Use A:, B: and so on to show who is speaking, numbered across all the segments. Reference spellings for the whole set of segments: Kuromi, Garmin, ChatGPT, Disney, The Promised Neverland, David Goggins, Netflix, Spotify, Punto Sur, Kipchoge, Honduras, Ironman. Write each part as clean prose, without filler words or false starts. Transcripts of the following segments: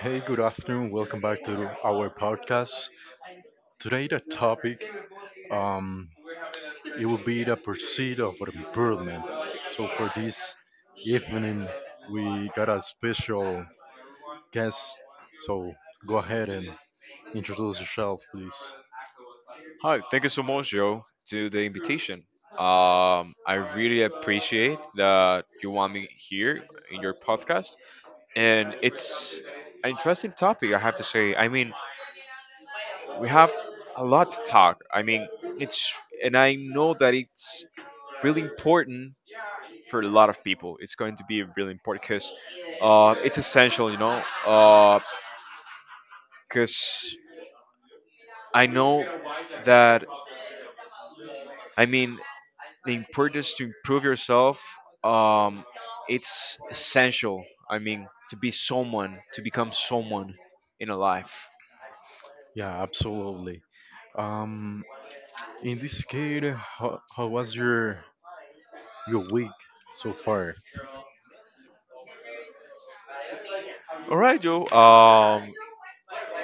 A: Hey, good afternoon. Welcome back to our podcast. Today, the topic um, it will be the pursuit of improvement. So for this evening, we got a special guest. So go ahead and introduce yourself, please.
B: Hi, thank you so much, Joe, to the invitation. I really appreciate that you want me here in your podcast. And it's an interesting topic, I have to say. I mean, we have a lot to talk. I know that it's really important for a lot of people. It's going to be really important because it's essential, you know, because I know that, I mean, the importance to improve yourself, um it's essential. I mean, to be someone, to become someone in a life.
A: Yeah, absolutely. Um, in this case, how was your week so far?
B: All right, Joe.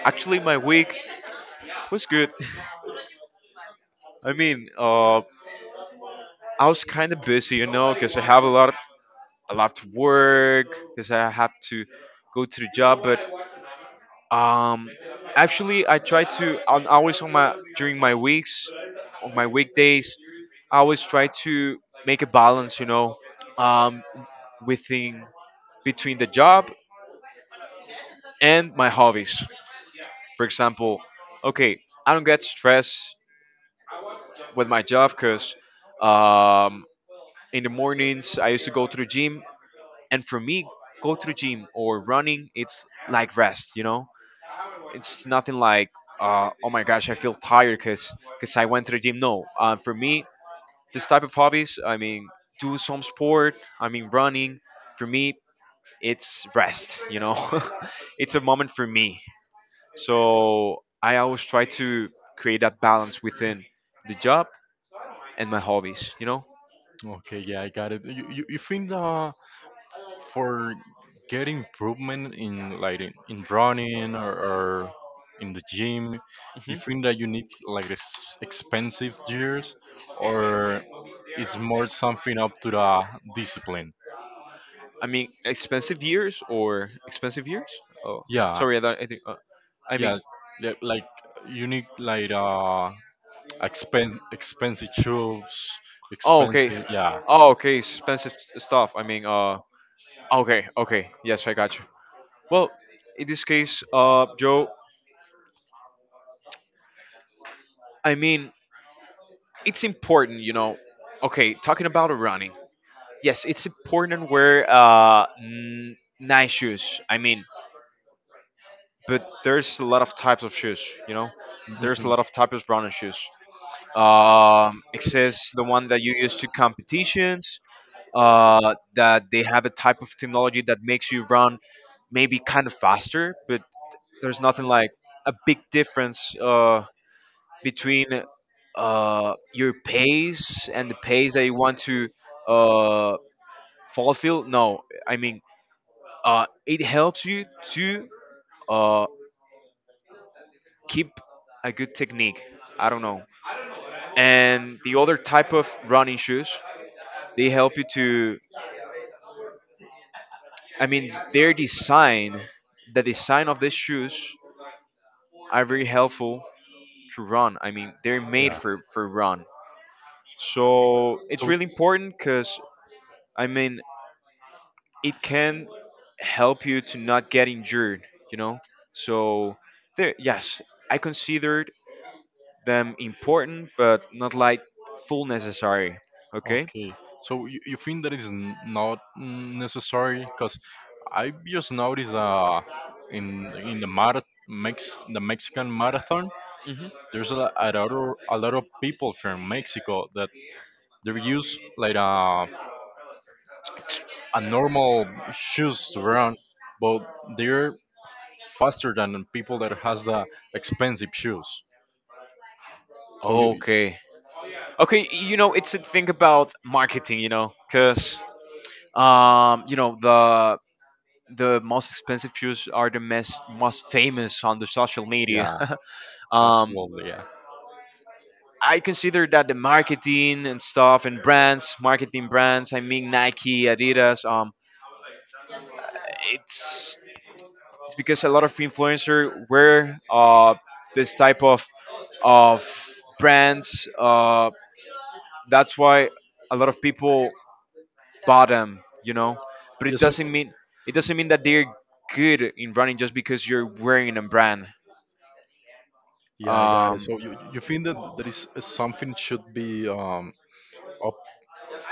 B: Actually, my week was good. I mean, I was kind of busy, you know, because I have a lot, of, a lot to work, because I have to go to the job. But um, actually, I try to on always on my during my weeks, on my weekdays, I always try to make a balance, you know, um, within between the job and my hobbies. For example, okay, I don't get stressed with my job because um, in the mornings I used to go to the gym, and for me, go to the gym or running, it's like rest. You know, it's nothing like oh my gosh, I feel tired because I went to the gym. No, for me, this type of hobbies, I mean, do some sport. I mean, running. For me, it's rest. You know, it's a moment for me. So I always try to create that balance within the job and my hobbies. You know.
A: Okay, yeah, I got it. You think the for get improvement in like in running or in the gym, you think that you
B: hmm
A: need like this expensive gears, or it's more something up to the discipline?
B: I mean, expensive years or expensive years? Oh,
A: Yeah,
B: sorry, I don't. I think, I
A: yeah,
B: mean,
A: like you need like expensive shoes,
B: oh, okay.
A: expensive? Yeah.
B: Oh, okay. Expensive stuff. I mean, okay, okay. Yes, I got you. Well, in this case, Joe, I mean, it's important, you know. Okay, talking about running. Yes, it's important wear nice shoes. I mean, but there's a lot of types of shoes, you know. There's a
A: Mhm.
B: lot of types of running shoes. Exists the one that you use to competitions. That they have a type of technology that makes you run maybe kind of faster, but there's nothing like a big difference between your pace and the pace that you want to uh, fulfill. No, I mean, it helps you to uh, keep a good technique. I don't know. And the other type of running shoes, they help you to, I mean, their design, the design of the shoes are very helpful to run. I mean, they're made
A: Yeah.
B: for run. So it's
A: So
B: really important because, I mean, it can help you to not get injured, you know? So, there, yes, I considered them important, but not like full necessary. Okay?
A: okay, so you think that is not necessary? Because I just noticed in the marath Mex the Mexican marathon,
B: hmm
A: there's a, a lot of people from Mexico that they use like a normal shoes to run, but they're faster than people that has the expensive shoes. So you,
B: Okay. Okay, you know, it's a thing about marketing, you know, because you know, the most expensive shoes are the most famous on the social media.
A: yeah,
B: um,
A: absolutely, yeah.
B: I consider that the marketing and stuff and brands, marketing brands, I mean Nike, Adidas. It's it's because a lot of influencer wear this type of brands. That's why a lot of people bought them. You know, but
A: Yeah, so
B: it doesn't mean that they're good in running just because you're wearing a brand.
A: yeah, I got it.
B: Um,
A: So you think that there is something should be up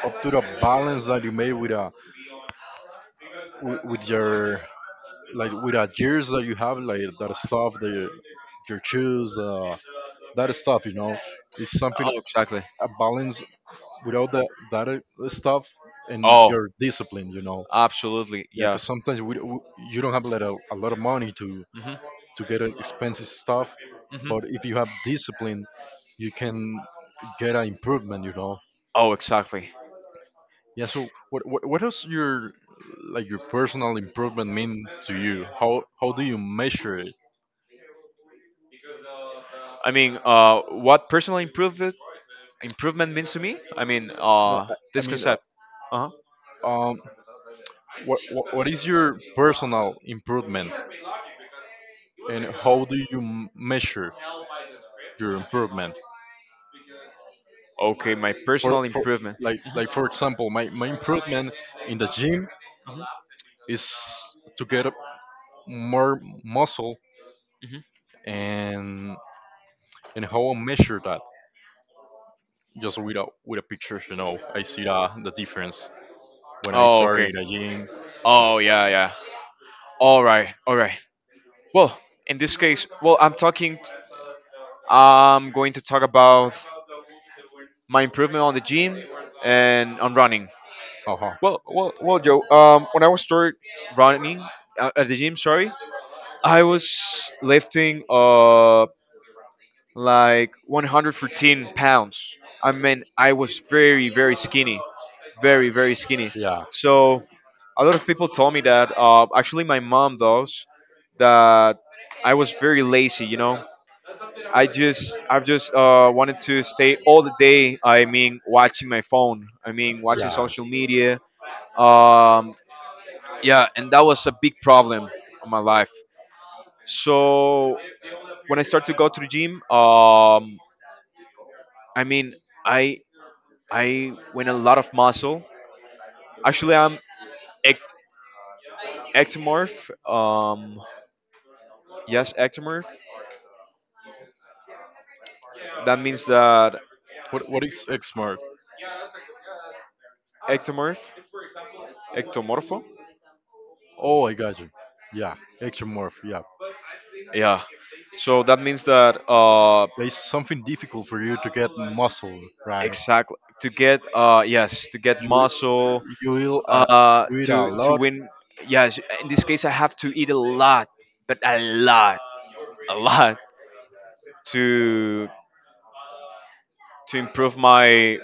A: up to the balance that you made with a with your, like with the gears that you have, like that stuff, the your shoes, that stuff, you know. It's something
B: Oh, exactly.
A: a balance without the, that stuff and
B: Oh,
A: your discipline, you know.
B: absolutely.
A: Yeah,
B: Yeah.
A: because sometimes you don't have like a lot of money to
B: hmm
A: get expensive stuff,
B: hmm
A: but if you have discipline, you can get an improvement, you know.
B: Oh, exactly.
A: Yeah. So what does your like your personal improvement mean to you? How do you measure it?
B: I mean, what personal improvement means to me? I mean,
A: No, I
B: this
A: mean,
B: concept. Uh huh.
A: um what is your personal improvement and how do you measure your improvement?
B: Okay, my
A: for,
B: personal
A: for
B: improvement.
A: like
B: Mhm,
A: like for example, my improvement in the gym
B: mhm,
A: is to get up more muscle.
B: mhm.
A: And and how I measure that, just with a picture, you know. I see the difference when I
B: Oh,
A: started
B: okay.
A: in the gym.
B: Oh, yeah, yeah. All right, all right. Well, in this case, I'm going to talk about my improvement on the gym and on running.
A: Uh-huh.
B: Well, well, well, Joe. When I was start running at the gym, sorry, I was lifting like 114 pounds. I mean, I was very, very skinny, very, very skinny.
A: Yeah,
B: So a lot of people told me that. Actually, my mom does that. I was very lazy, you know. I've just wanted to stay all the day. I mean, watching my phone. I mean, watching
A: yeah.
B: social media, um, yeah, and that was a big problem on my life. So when I started to go to the gym, I mean I I win a lot of muscle. Actually, I'm ec- ectomorph. Yes, ectomorph. That means that
A: What is xmorph?
B: ectomorph, ectomorpho,
A: Oh, I got you. Yeah, xmorph, yeah.
B: yeah. So that means that
A: It's something difficult for you to get muscle, right?
B: exactly to get, yes, to get
A: You
B: muscle,
A: you will you eat a
B: to
A: lot.
B: win. Yes, in this case, I have to eat a lot, but a lot, a lot, to to improve my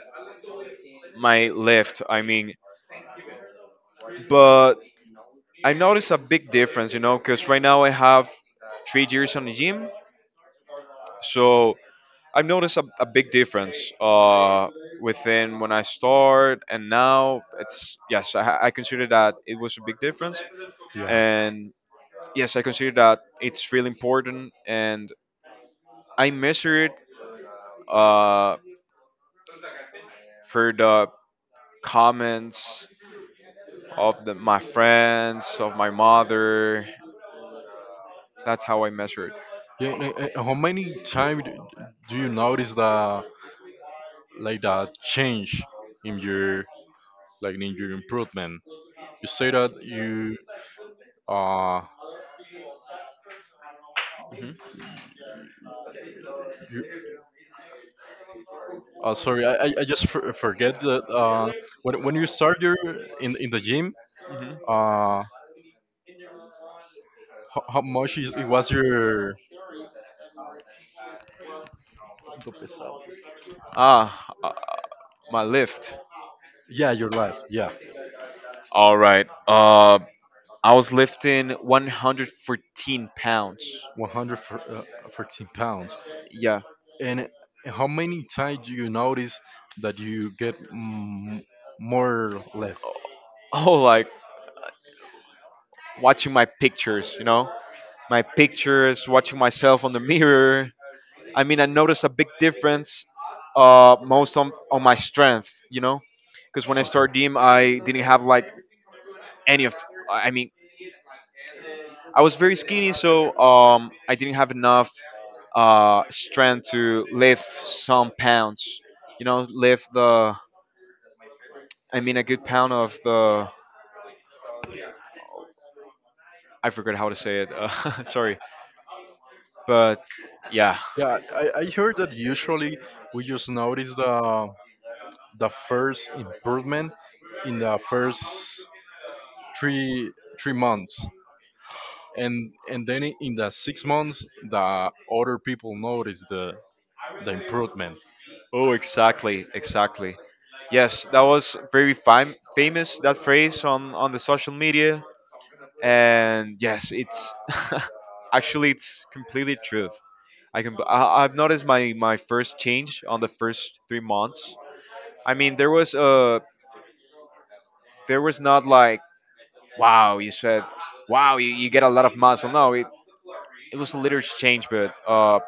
B: my lift. I mean, but I noticed a big difference, you know, because right now I have 3 years on the gym, so I've noticed a big difference within when I start and now. It's yes, I consider that it was a big difference
A: Yeah.
B: and yes, I consider that it's really important. And I measured uh, for the comments of the, my friends, of my mother. That's how I measured.
A: Yeah. How many times do you notice the like the change in your like in your improvement? You say that you uh
B: hmm
A: you sorry, I just forget that. When you start your in the gym,
B: hmm
A: uh how much it was your,
B: Ah, my lift.
A: yeah, your life? Yeah,
B: All right. I was lifting 114 pounds.
A: 114 lbs.
B: Yeah.
A: And how many times do you notice that you get more left?
B: Oh, like watching my pictures, you know? My pictures, watching myself on the mirror. I mean, I noticed a big difference most on my strength, you know, because when I
A: Okay.
B: started gym, I didn't have like any of. I mean, I was very skinny, so I didn't have enough strength to lift some pounds, you know, lift the. I mean, a good pound of the. I forgot how to say it. Sorry, but yeah.
A: Yeah, I heard that usually we just notice the first improvement in the first three three months, and then in the 6 months the other people notice the improvement.
B: Oh, exactly, exactly. Yes, that was very famous that phrase on the social media and yes, it's actually it's completely true. I, I've noticed my my first change on the first 3 months. I mean, there was not like wow. You said wow, you get a lot of muscle. No, it, it was a little change, but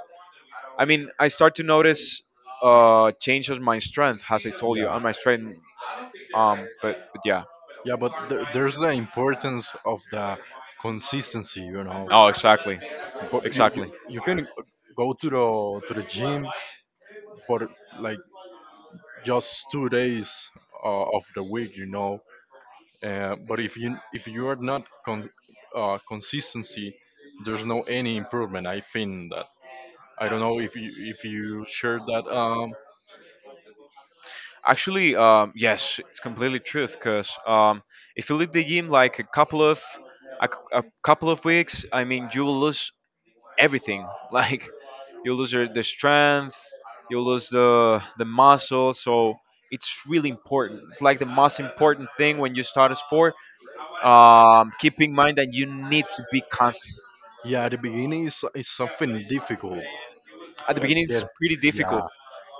B: I mean, I start to notice change of my strength as I told you,
A: Yeah,
B: on my strength, but yeah.
A: yeah. But there's the importance of the consistency, you know.
B: Oh, exactly,
A: But
B: exactly.
A: you can go to the gym for like just 2 days of the week, you know. But if you, if you are not consistency, there's no any improvement. I think that. I don't know if you share that.
B: Actually, yes, it's completely truth. Cause if you leave the gym like a couple of weeks, I mean, you will lose everything. Like you lose your, the strength, you lose the muscle. So it's really important. It's like the most important thing when you start a sport. Keep in mind that you need to be consistent.
A: Yeah, at the beginning is something difficult.
B: At the beginning,
A: You
B: it's
A: get,
B: pretty difficult,
A: yeah,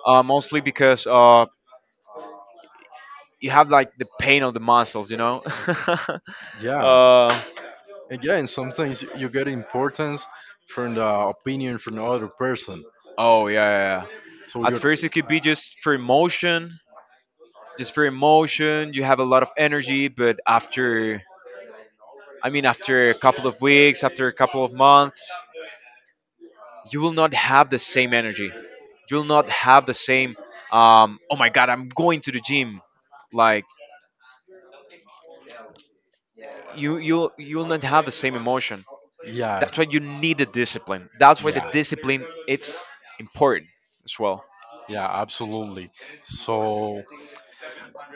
B: mostly because you have like the pain of the muscles. You know.
A: yeah,
B: uh,
A: again sometimes you get importance from the opinion from the other person.
B: oh yeah, yeah,
A: So
B: yeah. At
A: you're,
B: first, it could be just for emotion, just for emotion. You have a lot of energy, but after, I mean, after a couple of weeks, after a couple of months, you will not have the same energy. You will not have the same. Oh my God, I'm going to the gym. Like you will not have the same emotion.
A: yeah,
B: That's why you need the discipline. That's why the
A: yeah,
B: discipline it's important as well.
A: yeah, absolutely. So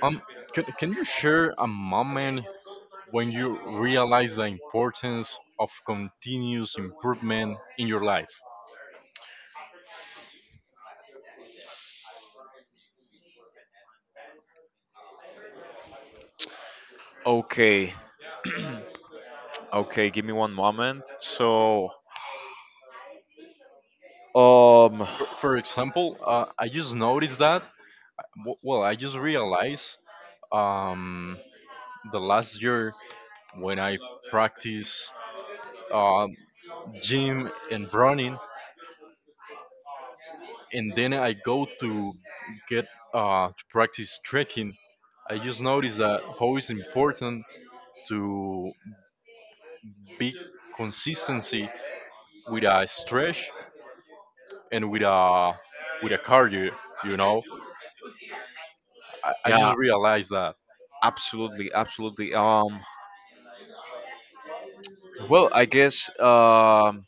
A: um, can you share a moment when you realize the importance of continuous improvement in your life?
B: Okay, okay. Give me one moment. So Um,
A: For example, I just noticed that. Well, I just realized um, the last year, when I practice uh, gym and running, and then I go to get to practice trekking. I just noticed that how it's important to be consistency with a stretch and with a car, you know, I just
B: yeah,
A: realized that.
B: absolutely, absolutely. Well, I guess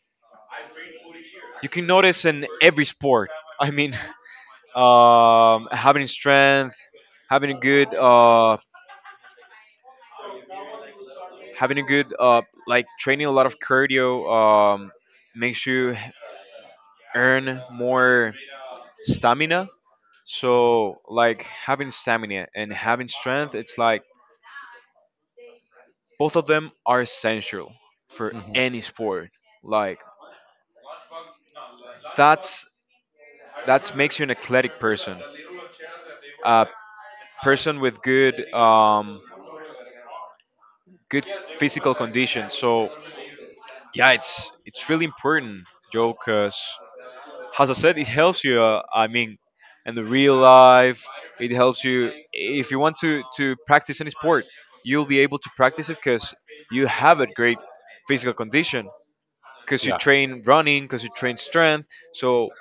B: you can notice in every sport. I mean, having strength, having a good, uh, having a good, like training a lot of cardio, makes you earn more stamina. So, like having stamina and having strength, it's like both of them are essential for
A: Mhm.
B: any sport. Like that's that makes you an eclectic person, a person with good physical condition. So yeah, it's really important, Joe, because as I said, it helps you. I mean, in the real life, it helps you if you want to practice any sport, you'll be able to practice it because you have a great physical condition. Because you
A: Yeah,
B: train running, because you train strength. So,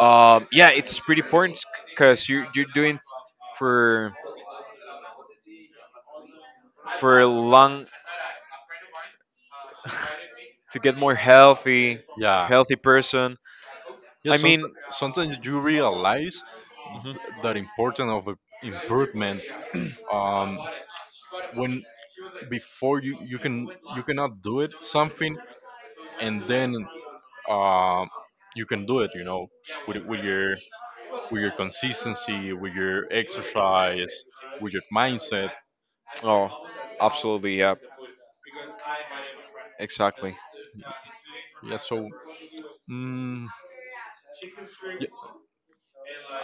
B: yeah, it's pretty important because you you're doing for for long to get more healthy,
A: yeah,
B: healthy person.
A: yeah.
B: I mean,
A: Sometimes you realize
B: mhm.
A: that importance of improvement um when before you, you can, you cannot do it something, and then um you can do it, you know, with your, with your consistency, with your exercise, with your mindset.
B: Oh, absolutely, yeah, exactly.
A: Yeah. So mm,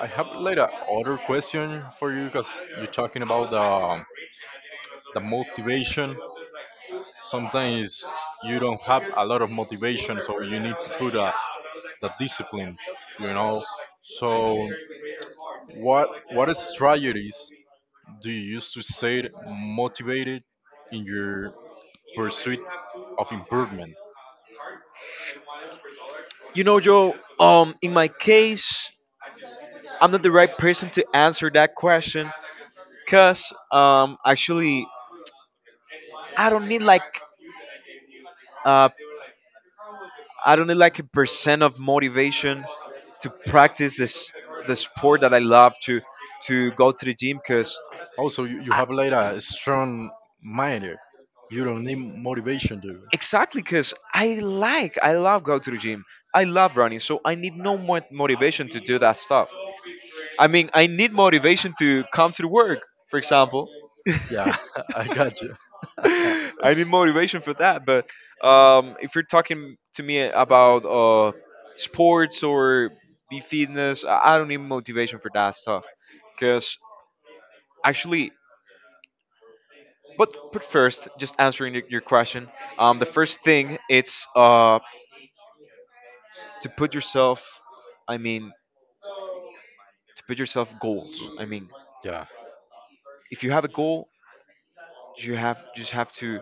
A: I have like a other question for you because you're talking about the motivation. Sometimes you don't have a lot of motivation, so you need to put a the discipline, you know. So what strategies do you use to stay motivated in your pursuit of improvement?
B: You know, Joe. In my case, I'm not the right person to answer that question, cause actually, I don't need like uh. I don't need like a percent of motivation to practice this the sport that I love to go to the gym because
A: Also, you
B: I,
A: have like a strong mind. You don't need motivation, dude.
B: exactly because I like I love go to the gym. I love running, so I need no more motivation to do that stuff. I mean, I need motivation to come to work, for example.
A: Yeah. I got you.
B: I need motivation for that. But if you're talking to me about sports or be fitness, I don't need motivation for that stuff. Because actually, but first, just answering your question. The first thing it's to put yourself. I mean, to put yourself goals. I mean,
A: Yeah.
B: if you have a goal, you have just have to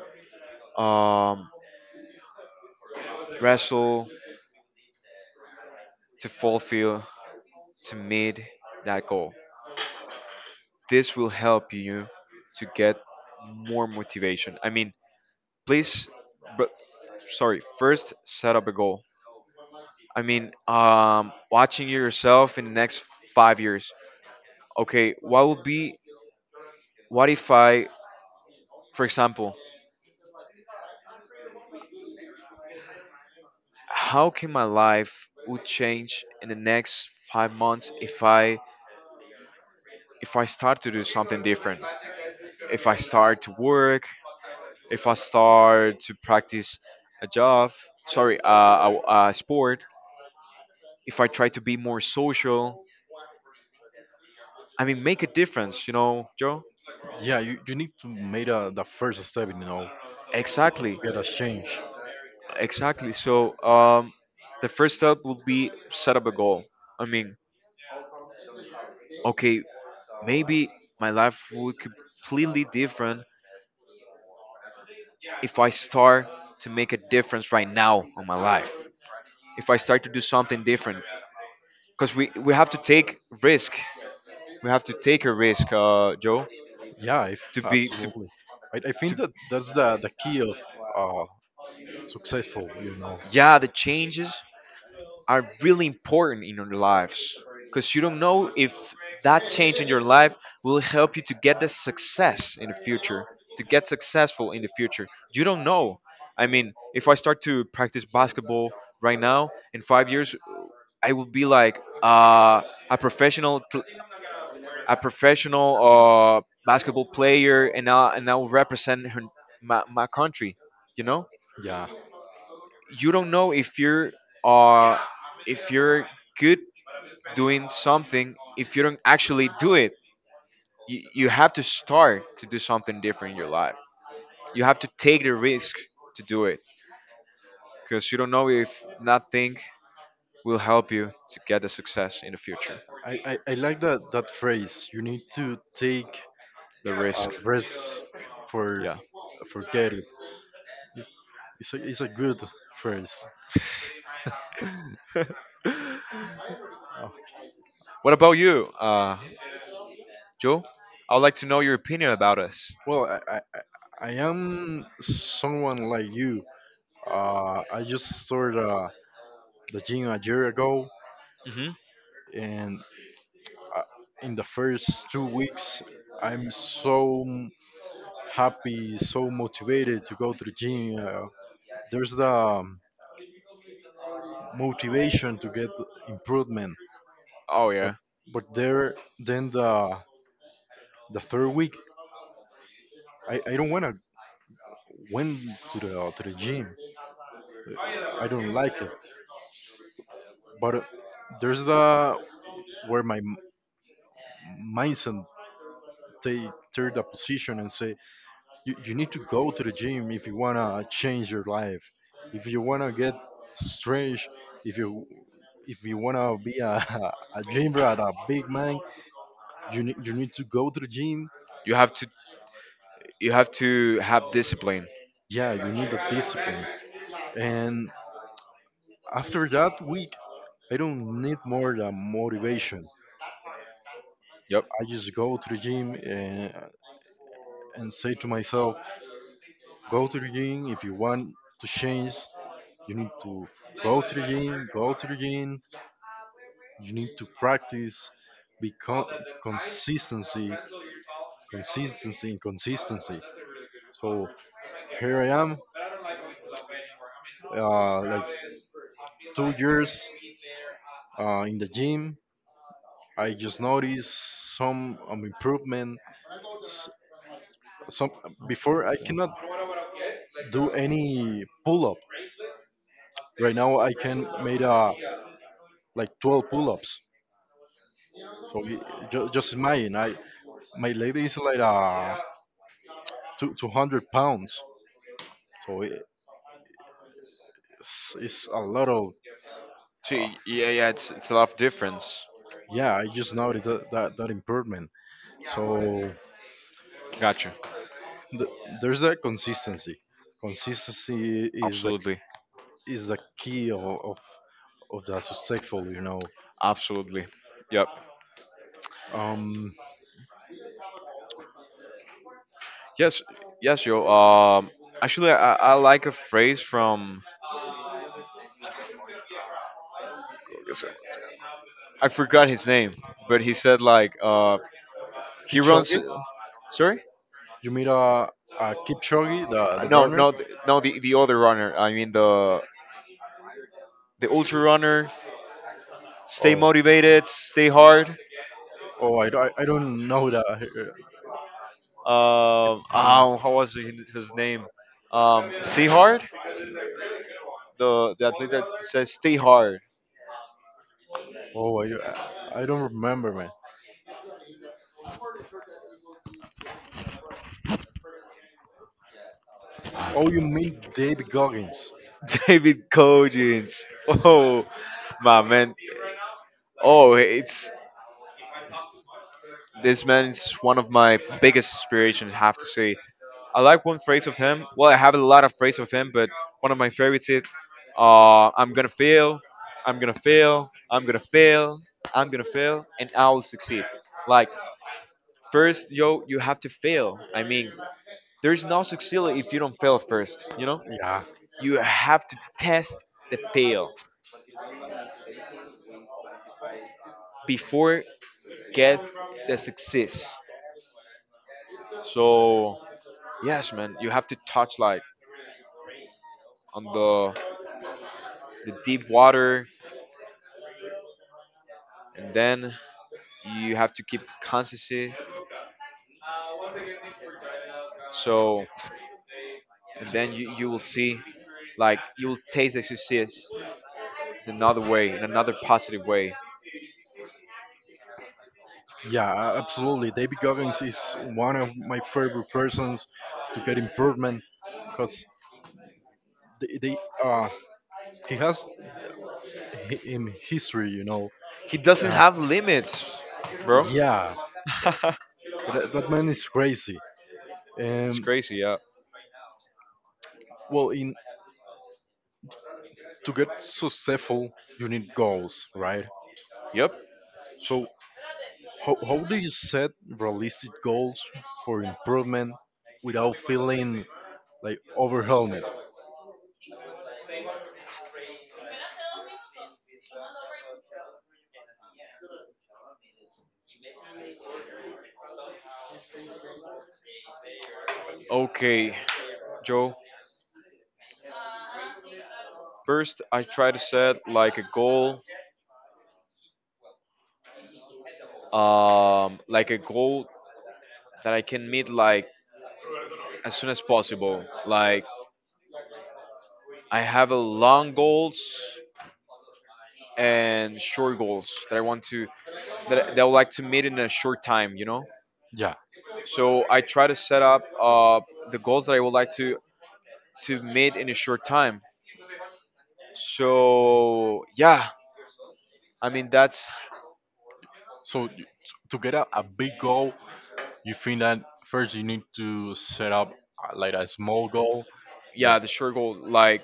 B: um wrestle to fulfill to meet that goal. This will help you to get more motivation. I mean, please, but sorry, first set up a goal. I mean, watching yourself in the next 5 years. Okay, what will be, what if I, for example, how can my life would change in the next 5 months if I start to do something different? If I start to work, if I start to practice a job, sorry, a sport, if I try to be more social, I mean, make a difference, you know, Joe?
A: Yeah, you need to make a, the first step, you know, to
B: Exactly,
A: get a change.
B: exactly. So, the first step would be set up a goal. I mean, okay, maybe my life would completely different if I start to make a difference right now on my life. If I start to do something different, because we have to take risk. We have to take a risk, Joe,
A: Yeah, if,
B: to be to,
A: absolutely. I, think that that's the, key of uh, successful, you know.
B: yeah, the changes are really important in your lives, because you don't know if that change in your life will help you to get the success in the future, to get successful in the future. You don't know. I mean, if I start to practice basketball right now, in 5 years I will be like a a professional basketball player, and I will represent my country, you know?
A: Yeah,
B: You don't know uh, if you're good doing something, if you don't actually do it. You have to start to do something different in your life. You have to take the risk to do it, because you don't know if nothing will help you to get the success in the future.
A: I, I like that phrase. You need to take
B: The
A: a
B: risk,
A: risk for
B: yeah.
A: get it. It's a good phrase. Uh,
B: What about you, Joe? I would like to know your opinion about us.
A: well, I am someone like you. I just started the gym a year ago,
B: Hmm.
A: and uh, in the first 2 weeks, I'm so happy, so motivated to go to the gym. There's the motivation to get improvement,
B: Oh
A: but
B: yeah,
A: there, then the third week, I don't wanna went to the gym. I don't like it. But there's the where my mindset take third the position and say, you need to go to the gym if you wanna change your life, if you wanna get strange, if you wanna be a a gym rat, a big man, you need to go to the gym.
B: you have to, you have to have discipline.
A: Yeah, you need the discipline. And after that week, I don't need more than motivation.
B: Yep.
A: I just go to the gym and say to myself, go to the gym. If you want to change, you need to go to the gym, go to the gym. You need to practice because consistency, consistency, and consistency. So here I am, like 2 years in the gym. I just noticed some improvement. S- Some before I cannot do any pull up. Right now I can made a like 12 pull ups. So just imagine I, my lady is like 200 lbs, so it's a lot of
B: So
A: uh,
B: yeah, yeah, it's a lot of difference.
A: yeah. I just noticed that that improvement. So
B: Gotcha.
A: th- there's that consistency. Consistency
B: Absolutely.
A: is the key of of the successful. You know,
B: Absolutely. Yep.
A: um,
B: Yes. Yes, yo. Actually, I like a phrase from. I forgot his name, but he said like he runs.
A: Kipchoge.
B: Sorry.
A: You meet a Kipchoge, the
B: No,
A: runner.
B: no, no. The other runner. I mean the ultra runner. Stay
A: Oh,
B: motivated. Stay hard.
A: oh, I, I don't know that.
B: Oh, how was his name? Stay hard. The athlete that says stay hard.
A: Oh, I don't remember, man. Oh, you mean David Goggins?
B: David Coggins. Oh, my man. Oh, it's this man is one of my biggest inspirations. I have to say, I like one phrase of him. Well, I have a lot of phrase of him, but one of my favorites is, "I'm gonna fail, I'm gonna fail, I'm gonna fail, I'm gonna fail, and I will succeed." Like first, yo, you have to fail. I mean, there's no succeed if you don't fail first. You know,
A: Yeah,
B: you have to test the fail before get the success. So yes, man, you have to touch like on the deep water, and then you have to keep consistency. So and then you will see, like you will taste the success in another way, in another positive way.
A: yeah, absolutely. David Goggins is one of my favorite persons to get improvement because they uh he has in history, you know.
B: He doesn't
A: Uh,
B: have limits, bro.
A: yeah, that man is crazy.
B: It's
A: Um,
B: crazy, yeah.
A: well, in to get successful, you need goals, right?
B: Yep.
A: So how do you set realistic goals for improvement without feeling like overwhelmed?
B: Okay. Joe. First, I try to set like a goal that I can meet like as soon as possible. Like I have a long goals and short goals that I want to that I would like to meet in a short time. You know,
A: Yeah.
B: so I try to set up the goals that I would like to meet in a short time. So yeah, I mean that's
A: So to get a big goal, you think that first you need to set up like a small goal
B: yeah
A: that,
B: the sure goal. Like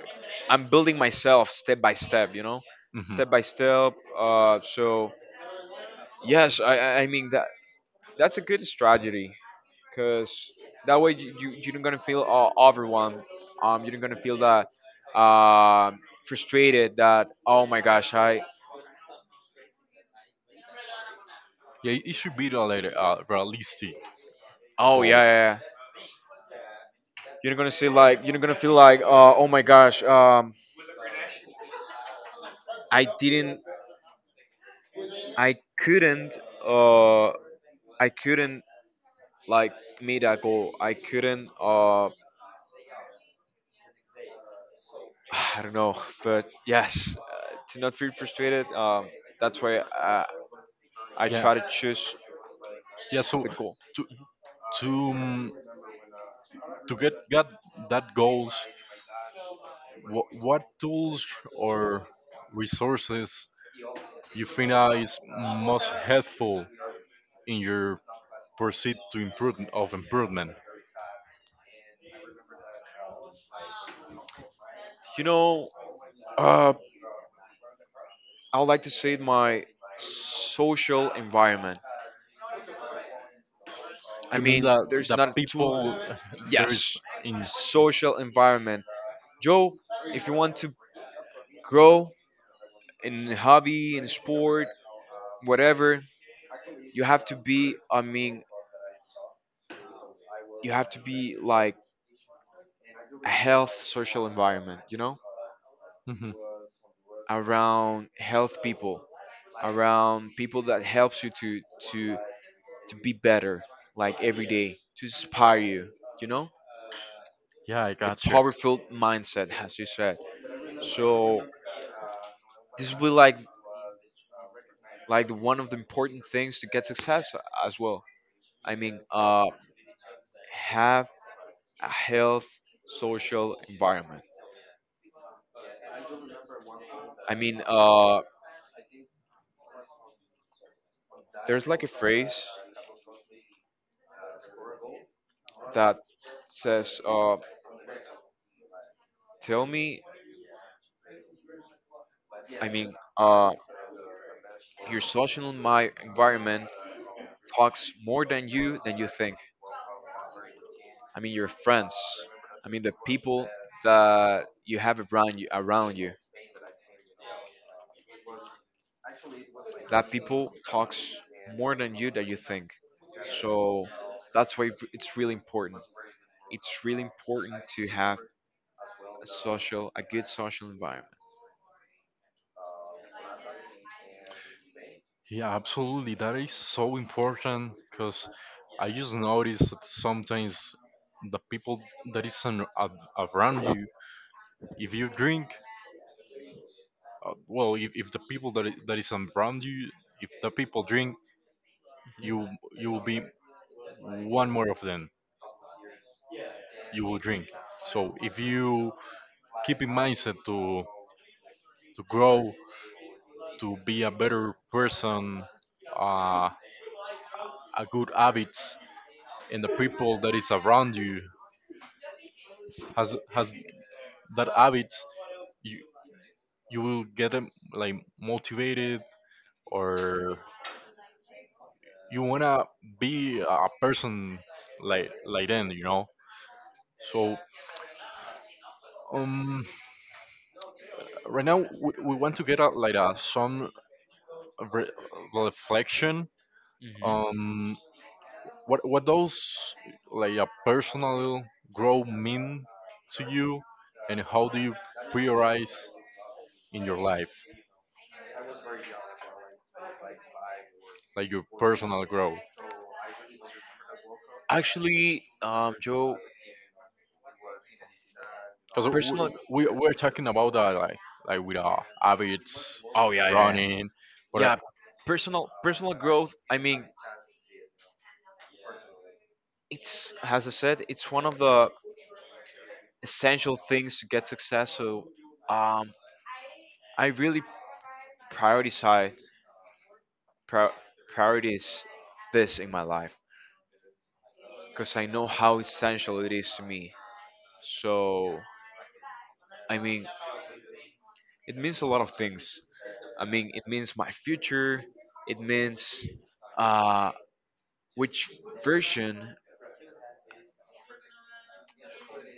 B: I'm building myself step by step, you know,
A: mhm,
B: step by step. So yes, I mean that's a good strategy, because that way you, you're not gonna feel overwhelmed. You're not gonna feel that uh frustrated. That oh my gosh, I.
A: yeah, it should be the, like a realistic
B: Oh
A: goal.
B: yeah, yeah, yeah. You're not gonna see like you're not gonna feel like oh my gosh, I didn't i couldn't uh I couldn't like made a goal. I couldn't. I don't know, but yes, to not feel frustrated. That's why I
A: Yeah,
B: try to choose
A: yeah. So
B: the goal.
A: to to to get that goals, what tools or resources you think that is most helpful in your pursuit to improve of improvement?
B: You know, uh, I would like to say my social environment. I
A: You mean
B: mean,
A: that
B: there's
A: the
B: not too
A: people there is
B: yes,
A: in.
B: social environment. Joe, if you want to grow in hobby in sport, whatever, you have to be. I mean, you have to be like a health social environment, you know,
A: Mhm.
B: around health people, around people that helps you to to be better, like every day, to inspire you, you know,
A: Yeah, I
B: a
A: got you.
B: powerful mindset, as you said. So this will be like the one of the important things to get success as well. I mean, have a health social environment. I mean, there's like a phrase that says, "Tell me I mean, your social my environment talks more than you think." I mean, your friends. I mean, the people that you have around you. Around you, that people talks more than you that you think. So that's why it's really important. It's really important to have a social, a good social environment.
A: Yeah, absolutely. That is so important because I just notice that sometimes the people that is an, a around you, if you drink, well, if the people that that is around you, if the people drink, you you will be one more of them, you will drink. So if you keep in mindset to grow, to be a better person, uh, a good habits, and the people that is around you has that habits, you you will get them like motivated, or you wanna be a person like then, you know. So um, right now we want to get a, like a some re- reflection.
B: Hmm.
A: Um, What those like a personal growth mean to you, and how do you prioritize in your life, like your personal growth?
B: Actually, Joe,
A: Because
B: personal.
A: we're talking about that like with our habits,
B: Oh yeah, yeah, yeah.
A: running, but I
B: Yeah, personal growth, I mean, it's as I said, it's one of the essential things to get success. So um I really prioritize prior priorities this in my life, because I know how essential it is to me. So I mean, it means a lot of things. I mean, it means my future, it means uh which version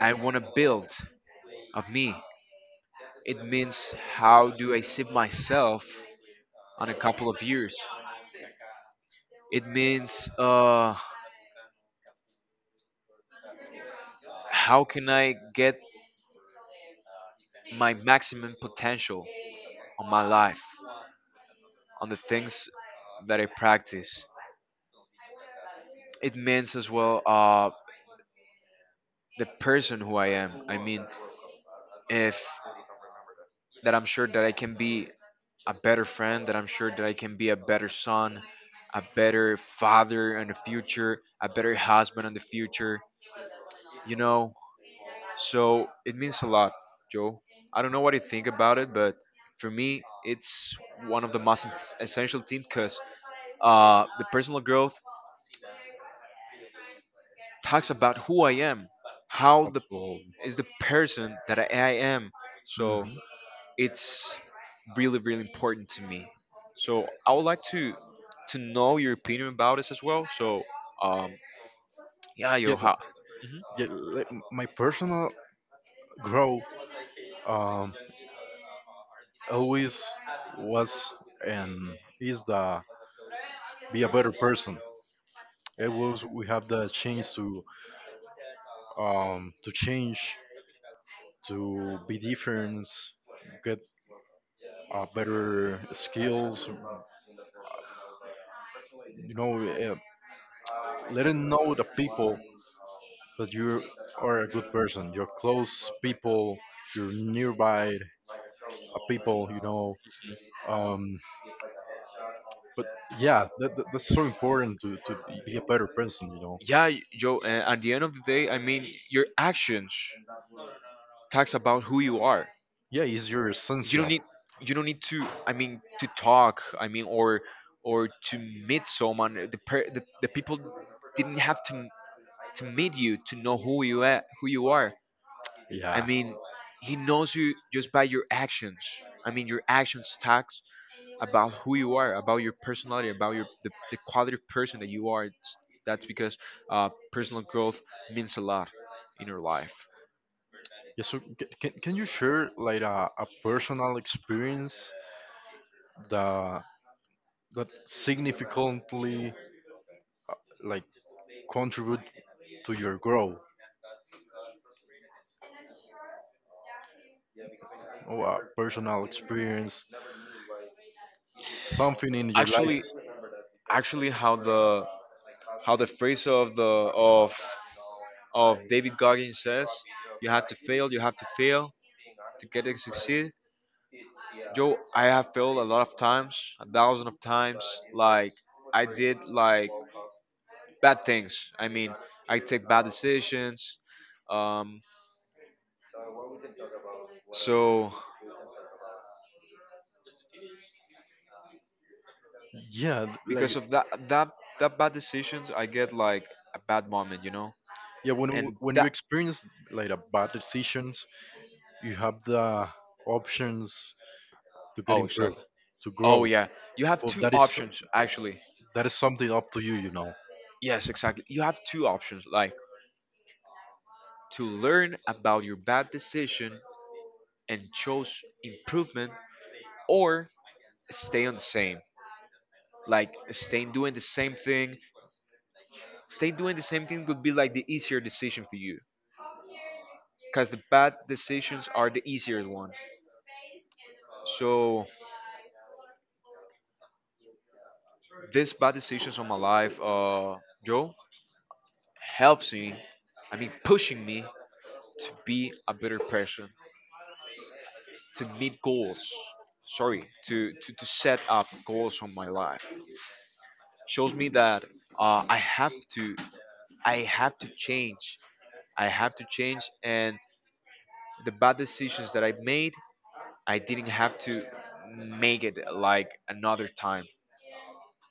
B: I want to build of me. It means how do I see myself on a couple of years. It means how can I get my maximum potential on my life, on the things that I practice. It means as well the person who I am. I mean, if that I'm sure that I can be a better friend, that I'm sure that I can be a better son, a better father in the future, a better husband in the future, you know. So it means a lot, Joe. I don't know what you think about it, but for me, it's one of the most essential things, because the personal growth talks about who I am, how the
A: also,
B: is the person that I am. So
A: mhm,
B: it's really, really important to me. So I would like to know your opinion about this as well. So um, yeah,
A: yeah,
B: yo,
A: but
B: how?
A: yeah, like, my personal growth um always was and is the be a better person. It was we have the chance to change, to be different, get better skills. You know, letting know the people that you are a good person. Your close people, your nearby people. You know, um, but yeah, that's so important to
B: Y-
A: be a better person. You know.
B: Yeah, Joe. At the end of the day, I mean, your actions talks about who you are.
A: Yeah, it's your
B: You don't
A: essential.
B: need, you don't need to. I mean, to talk. I mean, or to meet someone. The per, the people didn't have to meet you to know who you are, who you are. I
A: Yeah.
B: mean, he knows you just by your actions. I mean, your actions talks about who you are, about your personality, about your the quality of person that you are. It's, that's because personal growth means a lot in your life.
A: Yeah. So can you share like a personal experience that that significantly like contribute to your growth, or a personal experience, something in your life?
B: Actually, actually, how the phrase of the of of David Goggins says, you have to fail, you have to fail to get to succeed. Joe, I have failed a lot of times, a thousand of times. Like I did, like bad things. I mean, I take bad decisions. Um, so
A: Yeah. th- Like
B: because of that bad decisions, I get like a bad moment, you know.
A: yeah. When you-
B: And
A: when you
B: that
A: experience like a bad decisions, you have the options to get
B: oh
A: improved,
B: exactly.
A: to
B: Oh
A: grow.
B: yeah, you have
A: But
B: two
A: that is
B: options actually.
A: that is something up to you, you know.
B: Yes, exactly. You have two options, like to learn about your bad decision and chose improvement, or stay on the same, like staying doing the same thing. Stay doing the same thing would be like the easier decision for you, because the bad decisions are the easier one. So these bad decisions on my life, Joe, helps me. I mean, pushing me to be a better person, to meet goals. Sorry, to set up goals on my life. Shows me that uh, I have to, I have to change. I have to change, and the bad decisions that I made, I didn't have to make it like another time.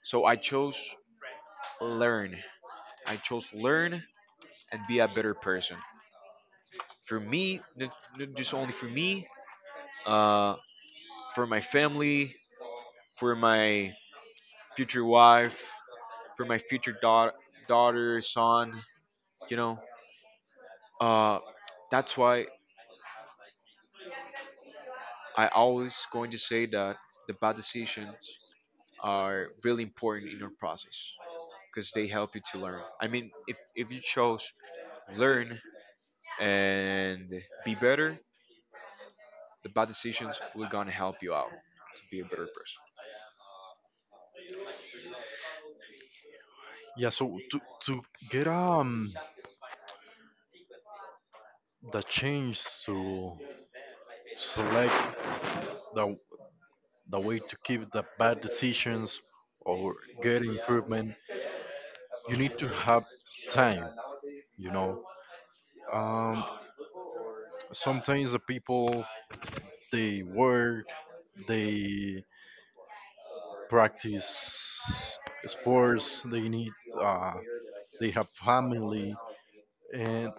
B: So I chose learn. I chose learn and be a better person. For me, not, not just only for me, uh, for my family, for my future wife, for my future daughter, son. You know, uh, that's why I always going to say that the bad decisions are really important in our process, because they help you to learn. I mean, if you chose learn and be better, the bad decisions will gonna help you out to be a better person.
A: Yeah. So to get the change to select the the way to keep the bad decisions or get improvement, you need to have time, you know. Um, sometimes the people they work, they practice sports, they need uh, they have family, and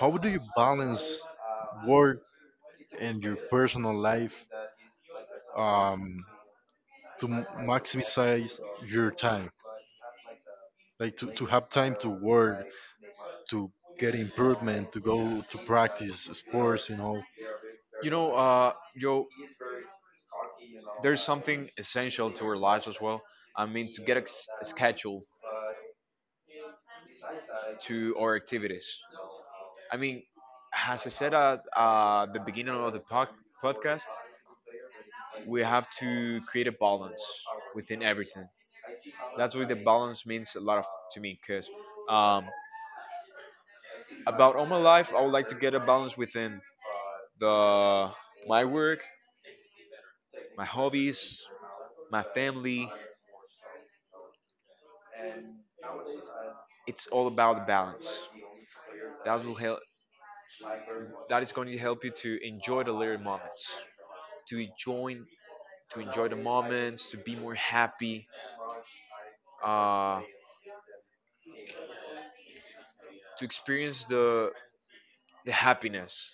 A: how do you balance work and your personal life, um, to maximize your time? Like to have time to work, to get improvement, to go to practice sports, you know?
B: You know, Joe, there's something essential to our lives as well. I mean, to get a, a schedule to our activities. I mean, as I said at the beginning of the podcast, we have to create a balance within everything. That's why the balance means a lot of to me because um, about all my life I would like to get a balance within the my work, my hobbies, my family. It's all about balance. That will help. That is going to help you to enjoy the little moments, to enjoy to enjoy the moments, to be more happy, uh, to experience the happiness,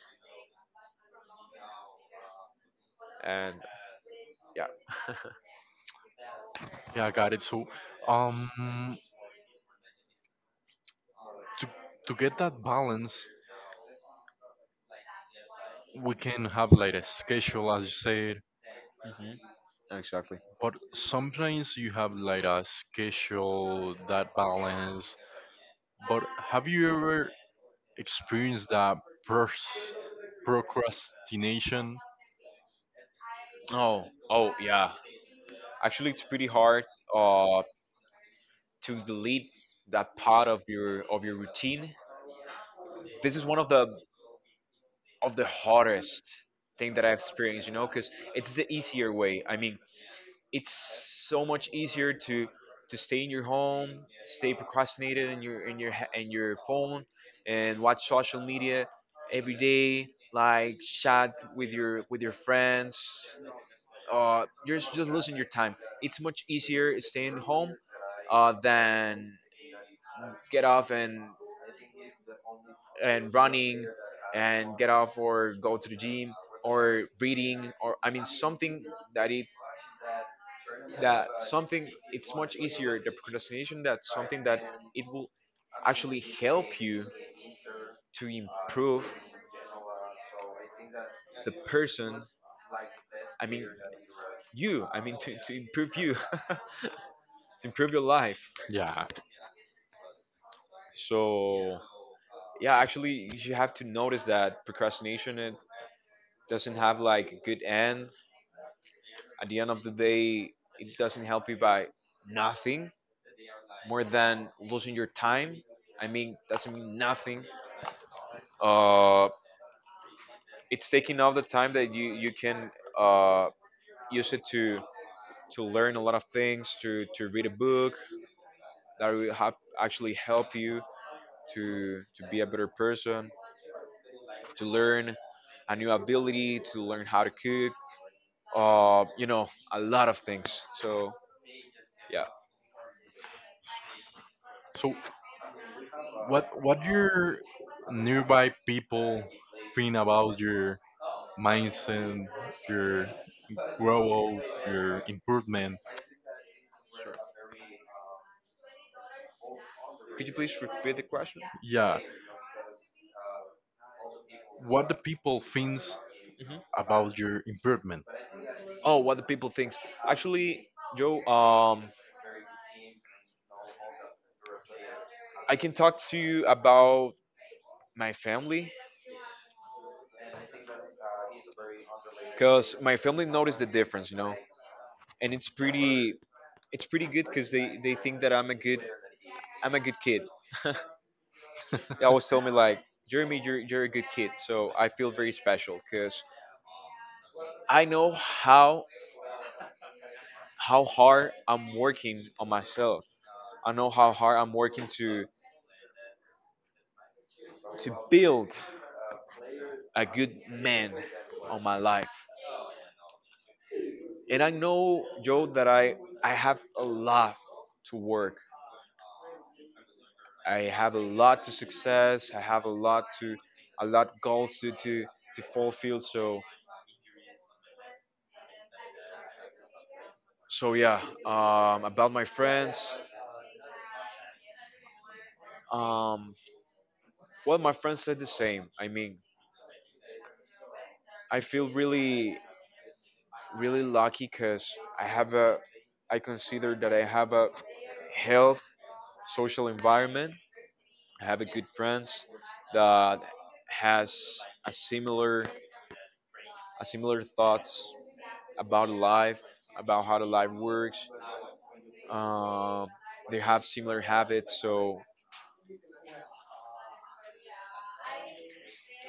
B: and yeah.
A: Yeah, I got it. So, um, to get that balance, we can have like a schedule, as you said.
B: Hmm. Exactly.
A: But sometimes you have like a schedule that balance. But have you ever experienced that pros- procrastination?
B: Oh, oh, yeah, actually it's pretty hard uh to delete that part of your routine. This is one of the hardest thing that I've experienced, because it's the easier way. I mean, it's so much easier to stay in your home, stay procrastinated in your in your phone, and watch social media every day. Like, chat with your friends. You're just losing your time. It's much easier staying home, than get off and running and get off, or go to the gym, or reading, or I mean something that it that something. It's much easier, the procrastination, that something that it will actually help you to improve the person. I mean, to improve you to improve your life.
A: Yeah.
B: So yeah, actually you have to notice that procrastination, it doesn't have like a good end. At the end of the day, it doesn't help you by nothing more than losing your time. I mean, doesn't mean nothing. uh it's taking off the time that you can, uh, use it to learn a lot of things, to read a book that will actually help you to be a better person, to learn a new ability, to learn how to cook, a lot of things. So yeah,
A: So what your nearby people think about your mindset, your growth, your improvement?
B: could you please repeat the question?
A: Yeah. What the people thinks
B: Hmm.
A: about your improvement?
B: Oh, what the people thinks, actually, Joe? I can talk to you about my family because my family noticed the difference, and it's pretty good, because they think that I'm a good kid. They always tell me like, Jeremy, you're a good kid, so I feel very special because I know how hard I'm working on myself. I know how hard I'm working to build a good man on my life. And I know, Joe, that I have a lot to work. I have a lot to success. I have a lot to a lot goals to fulfill. So yeah. About my friends. Um, well, my friends said the same. I mean, I feel really lucky because I have a I consider that I have a health social environment. I have a good friends that has a similar a similar thoughts about life, about how the life works. Um, they have similar habits, so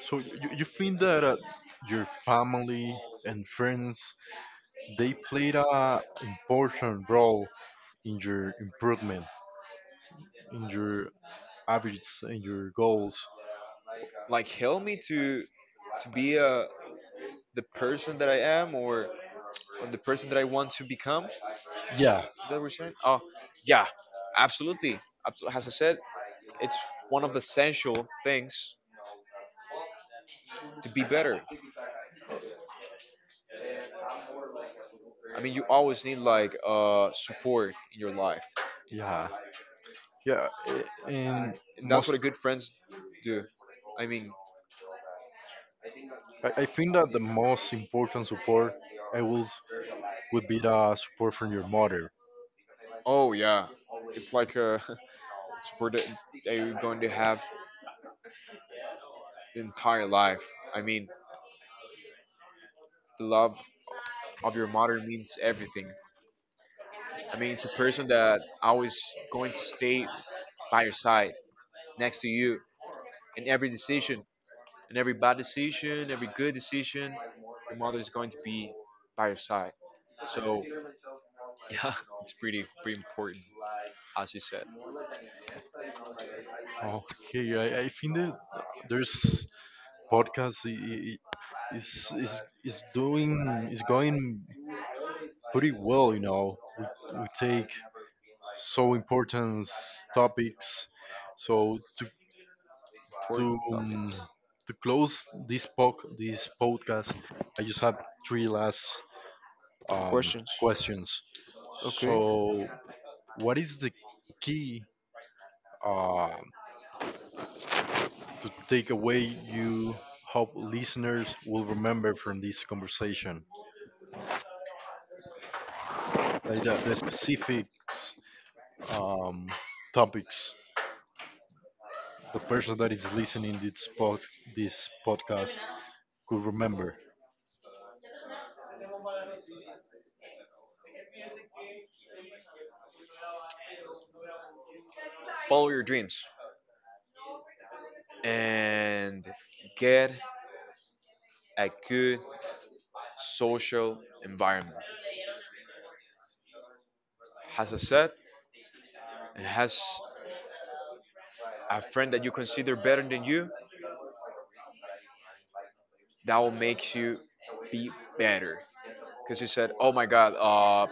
A: So you think that your family and friends they played a important role in your improvement, in your habits, in your goals.
B: like help me to be a the person that I am, or the person that I want to become.
A: Yeah,
B: Percent. Oh, yeah, absolutely. Absolutely. As I said, it's one of the essential things to be better. I mean, you always need like support in your life,
A: yeah, yeah, a-
B: and,
A: and
B: and that's
A: most
B: what a good friends do. I mean,
A: I, I think that the most important support I will s- would be the support from your mother.
B: oh yeah, it's like a support that you're going to have the entire life. I mean, the love of your mother means everything. I mean, it's a person that always going to stay by your side, next to you in every decision, and every bad decision, every good decision, your mother is going to be by your side. So yeah, it's pretty important, as you said.
A: Okay, I think that there's podcast i- is is is doing, is going pretty well. You know, we take so important topics. So to to
B: Important
A: um,
B: topics.
A: to close this pod this podcast, I just have three last
B: Questions.
A: questions. So, what is the key uh, to take away you hope listeners will remember from this conversation? Like the specifics, um, topics the person that is listening this this podcast could remember.
B: Follow your dreams and get a good social environment. As I said, and has a friend that you consider better than you, that will make you be better. Because you said, oh my God,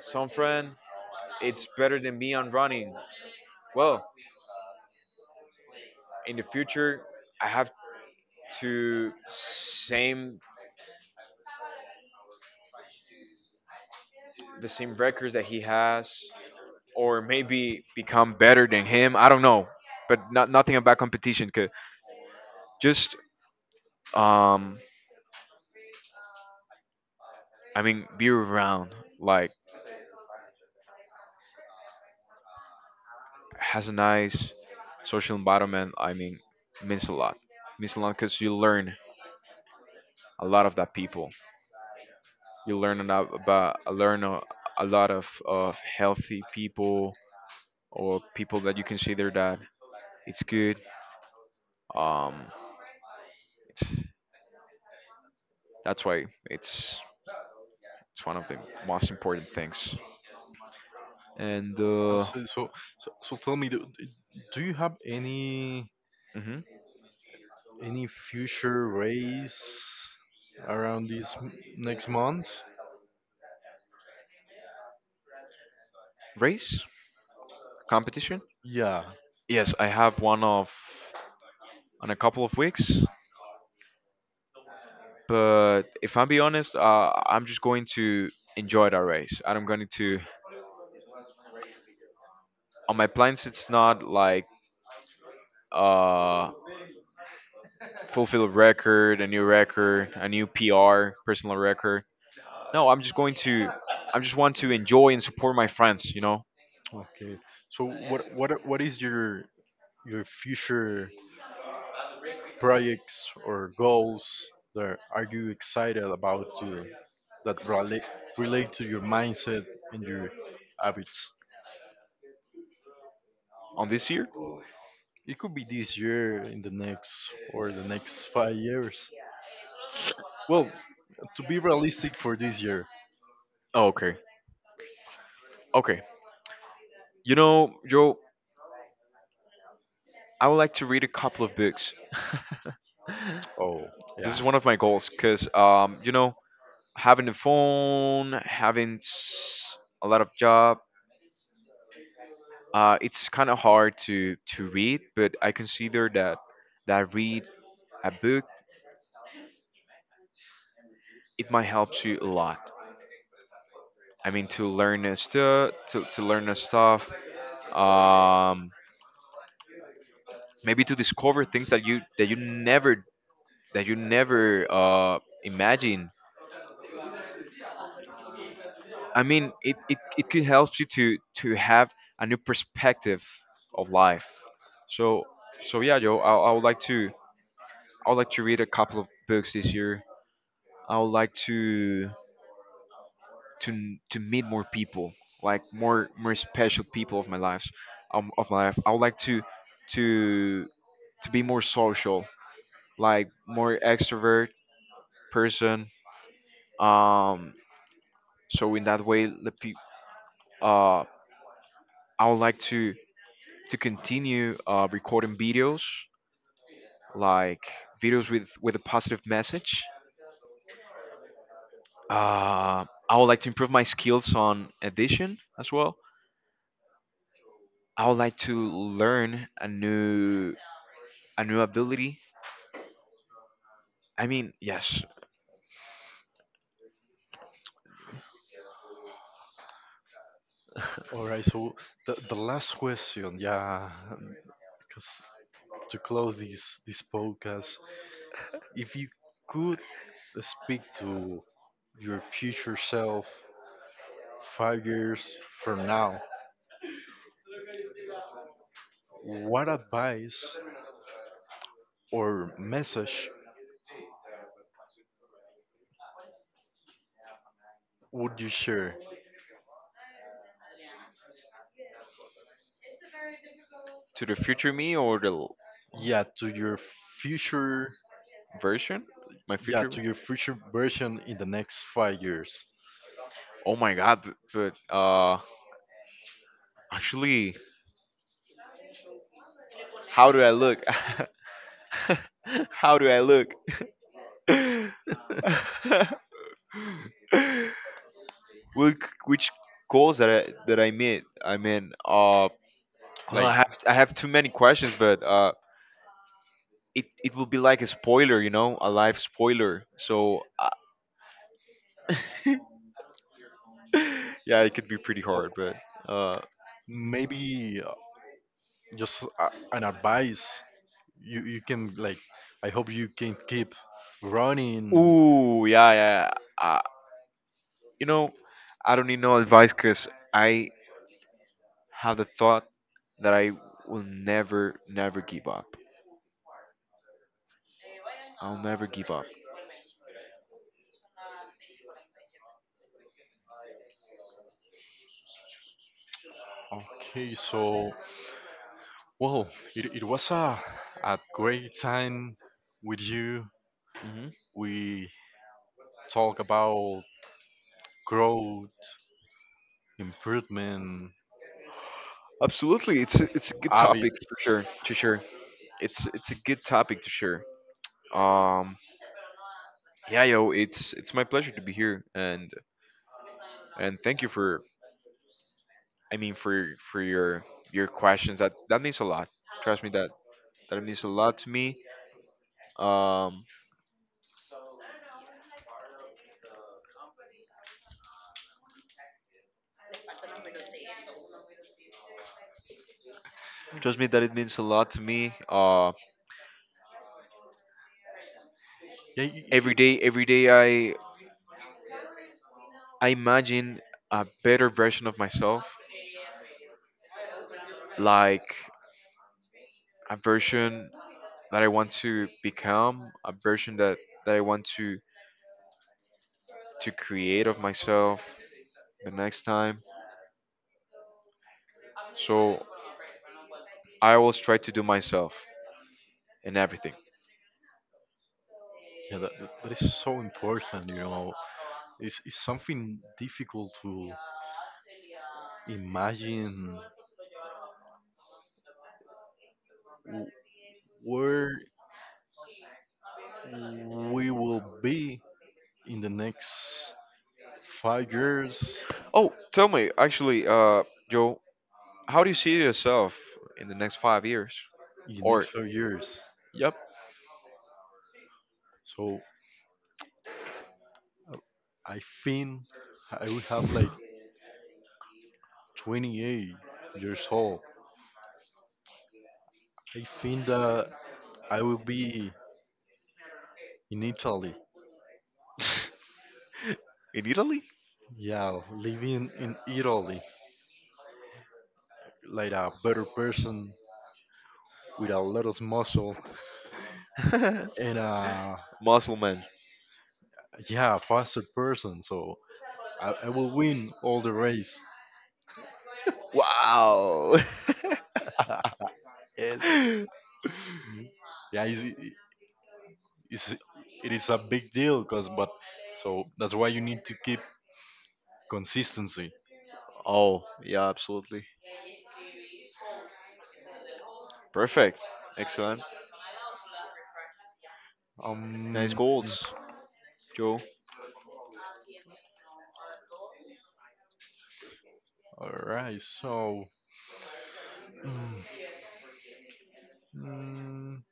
B: some friend it's better than me on running. Well, in the future, I have to same the same records that he has, or maybe become better than him. I don't know, but not nothing about competition. 'Cause just um, I mean, be around like has a nice social environment. I mean, means a lot. Means a lot because you learn a lot of that people. You learn a lot about learn a lot of healthy people, or people that you consider that it's good. Um, it's that's why it's it's one of the most important things. And
A: Oh, So, so, so tell me, do you have any
B: hmm
A: Any future race around this next month?
B: race competition.
A: Yeah.
B: Yes, I have one of on a couple of weeks. But if I'm be honest, I'm just going to enjoy that race. And I'm going to on my plans. It's not like uh fulfill a record, a new PR, personal record. No, I'm just going to, I just want to enjoy and support my friends,
A: Okay. So what is your future projects or goals that are you excited about to, that relate to your mindset and your habits?
B: on this year.
A: It could be this year, in the next, or the next 5 years. Well, to be realistic for this year.
B: Oh, okay. Okay. You know, Joe, I would like to read a couple of books.
A: Oh,
B: This
A: yeah.
B: is one of my goals because, having a phone, having a lot of job, it's kind of hard to read, but I consider that read a book, it might help you a lot. I mean, to learn a stuff. Um, Maybe to discover things that you never imagine. I mean, it could help you to have a new perspective of life. So so yeah, Joe, I would like to read a couple of books this year. I would like to to meet more people, like more special people of my life. I would like to to be more social, like more extrovert person. Um, so in that way, uh, I would like to continue, recording videos, like videos with a positive message. I would like to improve my skills on edition as well. I would like to learn a new ability. I mean, yes,
A: All right, so the last question, yeah, because to close this podcast, if you could speak to your future self 5 years from now, what advice or message would you share?
B: to the future me, or
A: Yeah, to your future,
B: version, my. Yeah,
A: yeah,
B: future.
A: to your future version in the next 5 years.
B: Oh my god, but actually, how do I look? How do I look? which which goals that I made? I mean, well,
A: Like
B: I have too many questions, but it will be like a spoiler, a live spoiler. So.
A: w- maybe just an advice you can, like, I hope you can keep running.
B: Ooh, yeah, yeah, yeah. Uh, you know, I don't need no advice because I have the thought that I will never, never give up. I'll never give up.
A: Okay, so, well, it was a great time with you.
B: Hmm.
A: We talk about growth, improvement,
B: Absolutely, it's a good topic
A: habits.
B: for sure. To share, it's a good topic to share. Um, yeah, yo, it's my pleasure to be here, and thank you for, I mean, for your questions. That means a lot. Trust me, that means a lot. To me. Um, Trust me that it means a lot to me.
A: Yeah,
B: Every day, every day, I imagine a better version of myself, like a version that I want to become, a version that I want to create of myself the next time. So I always try to do myself in everything.
A: yeah, that is so important, you know. It's something difficult to imagine w- where we will be in the next 5 years,
B: Oh, tell me, actually, Joe, how do you see yourself in the next 5 years?
A: in the next
B: Or,
A: 5 years.
B: yep,
A: So uh, I think I will have like 28 years old. I think that I will be in Italy.
B: in Italy?
A: Yeah, living in Italy like a better person with a lot of muscle and a,
B: Muscle man.
A: yeah, faster person. So I will win all the race.
B: Wow.
A: And yeah, it's, it is a big deal because, but so that's why you need to keep consistency.
B: Oh, yeah, absolutely. Perfect. Excellent. Nice
A: Um,
B: goals, Joe.
A: all right, so, mm, mm,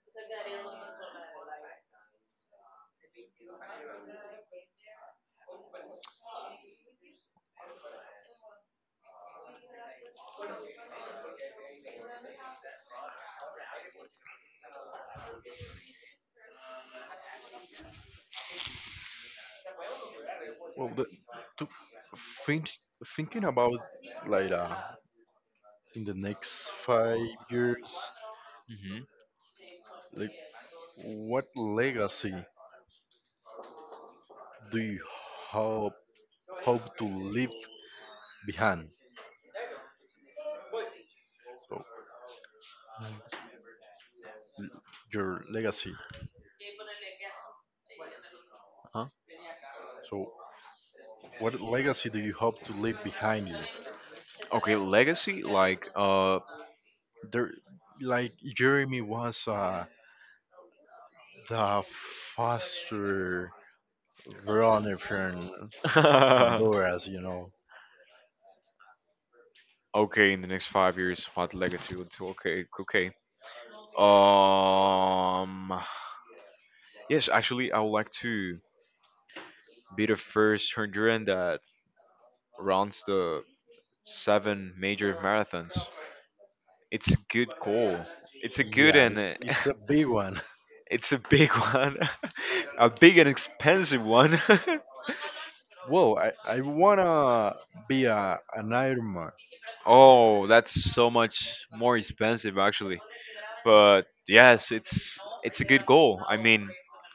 A: well, the, to think thinking about like, in the next 5 years,
B: Mm-hmm.
A: like, what legacy do you hope hope to leave behind? So, l- your legacy.
B: Huh?
A: So, what legacy do you hope to leave behind you?
B: Okay, legacy, like,
A: There, like Jeremy was the faster runner from Honduras, you know.
B: okay, in the next 5 years, what legacy would okay, okay. Um, yes, actually, I would like to be the first Honduran that runs the seven major marathons. It's a good goal. It's a good,
A: Yeah,
B: and
A: it's, it's a big one.
B: it's a big one, a big and expensive one.
A: Whoa, I wanna be an Ironman.
B: Oh, that's so much more expensive, actually. But yes, it's a good goal. I mean,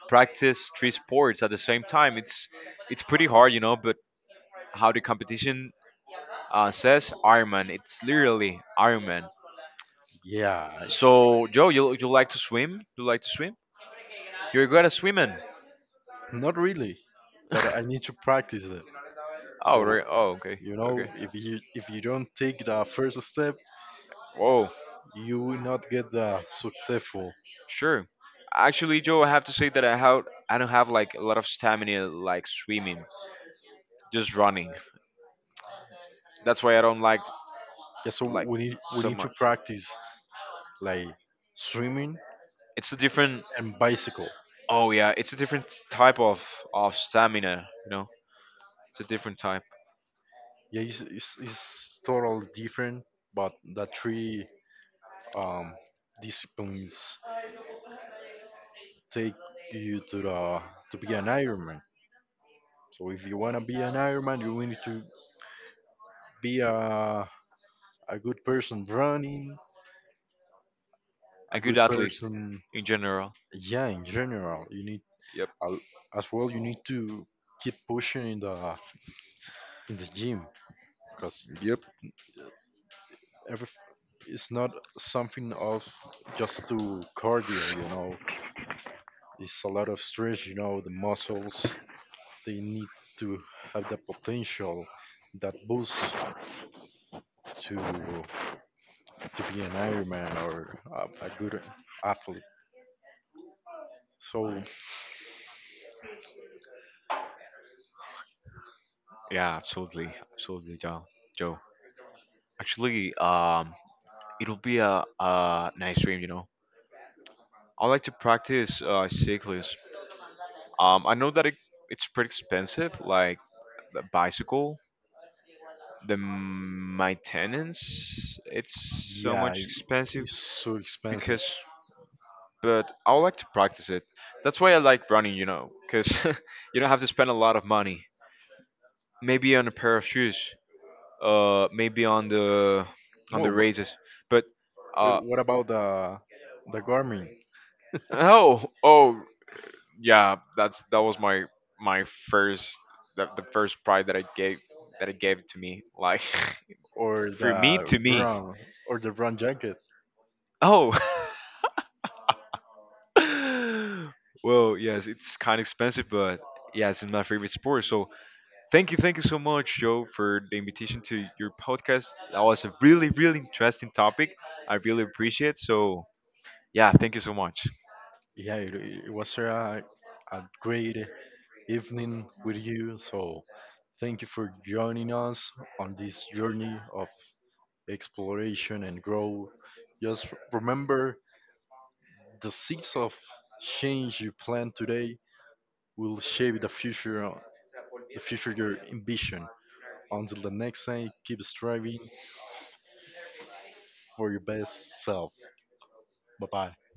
B: practice three sports at the same time. It's pretty hard, you know. But how the competition, says, Ironman. It's literally Ironman.
A: Yeah,
B: So,
A: it's
B: Joe, you like to swim? You like to swim? You're good at swimming.
A: not really, but I need to practice it.
B: Oh,
A: So
B: okay.
A: you know,
B: Okay.
A: if you don't take the first step,
B: Whoa.
A: you will not get the successful.
B: Sure. Actually, Joe, I have to say that I have I don't have like a lot of stamina like swimming, just running. That's why I don't like
A: Yeah, so
B: like
A: we
B: so
A: need to
B: much.
A: practice like swimming
B: It's a different.
A: and bicycle.
B: Oh yeah, it's a different type of stamina. You know, it's a different type.
A: Yeah, it's totally different, but the three um disciplines take you to the to be an Ironman. So if you wanna be an Ironman, you will need to be a good person running, a
B: A good
A: good
B: athlete
A: person,
B: in general.
A: yeah, in general. You need,
B: Yep.
A: al- as well, you need to keep pushing in the gym because
B: Yep.
A: every, it's not something of just to cardio, you know. It's a lot of stress, you know, the muscles, they need to have the potential, that boost to be an Ironman or a good athlete. So,
B: Yeah, absolutely, absolutely, Joe. Joe. Actually, it'll be a nice dream, you know. I like to practice cyclist. I know that it's pretty expensive, like the bicycle. The maintenance, it's so
A: yeah,
B: much expensive
A: it's so expensive.
B: because, but I would like to practice it. That's why I like running, because you don't have to spend a lot of money. Maybe on a pair of shoes, maybe on the
A: Well, but
B: razors, but uh,
A: what about the Garmin
B: oh, oh, yeah, that was my first the first pride that it gave to me. Like
A: or
B: for me
A: the
B: to me.
A: Brown or the Brown jacket?
B: Oh. Well, yes, it's kind of expensive, but yeah, it's my favorite sport. So thank you so much, Joe, for the invitation to your podcast. That was a really, really interesting topic. I really appreciate it. So yeah, thank you so much.
A: Yeah, it was a great evening with you. So thank you for joining us on this journey of exploration and growth. Just remember, the seeds of change you plant today will shape the future your ambition. Until the next time, keep striving for your best self. Bye bye.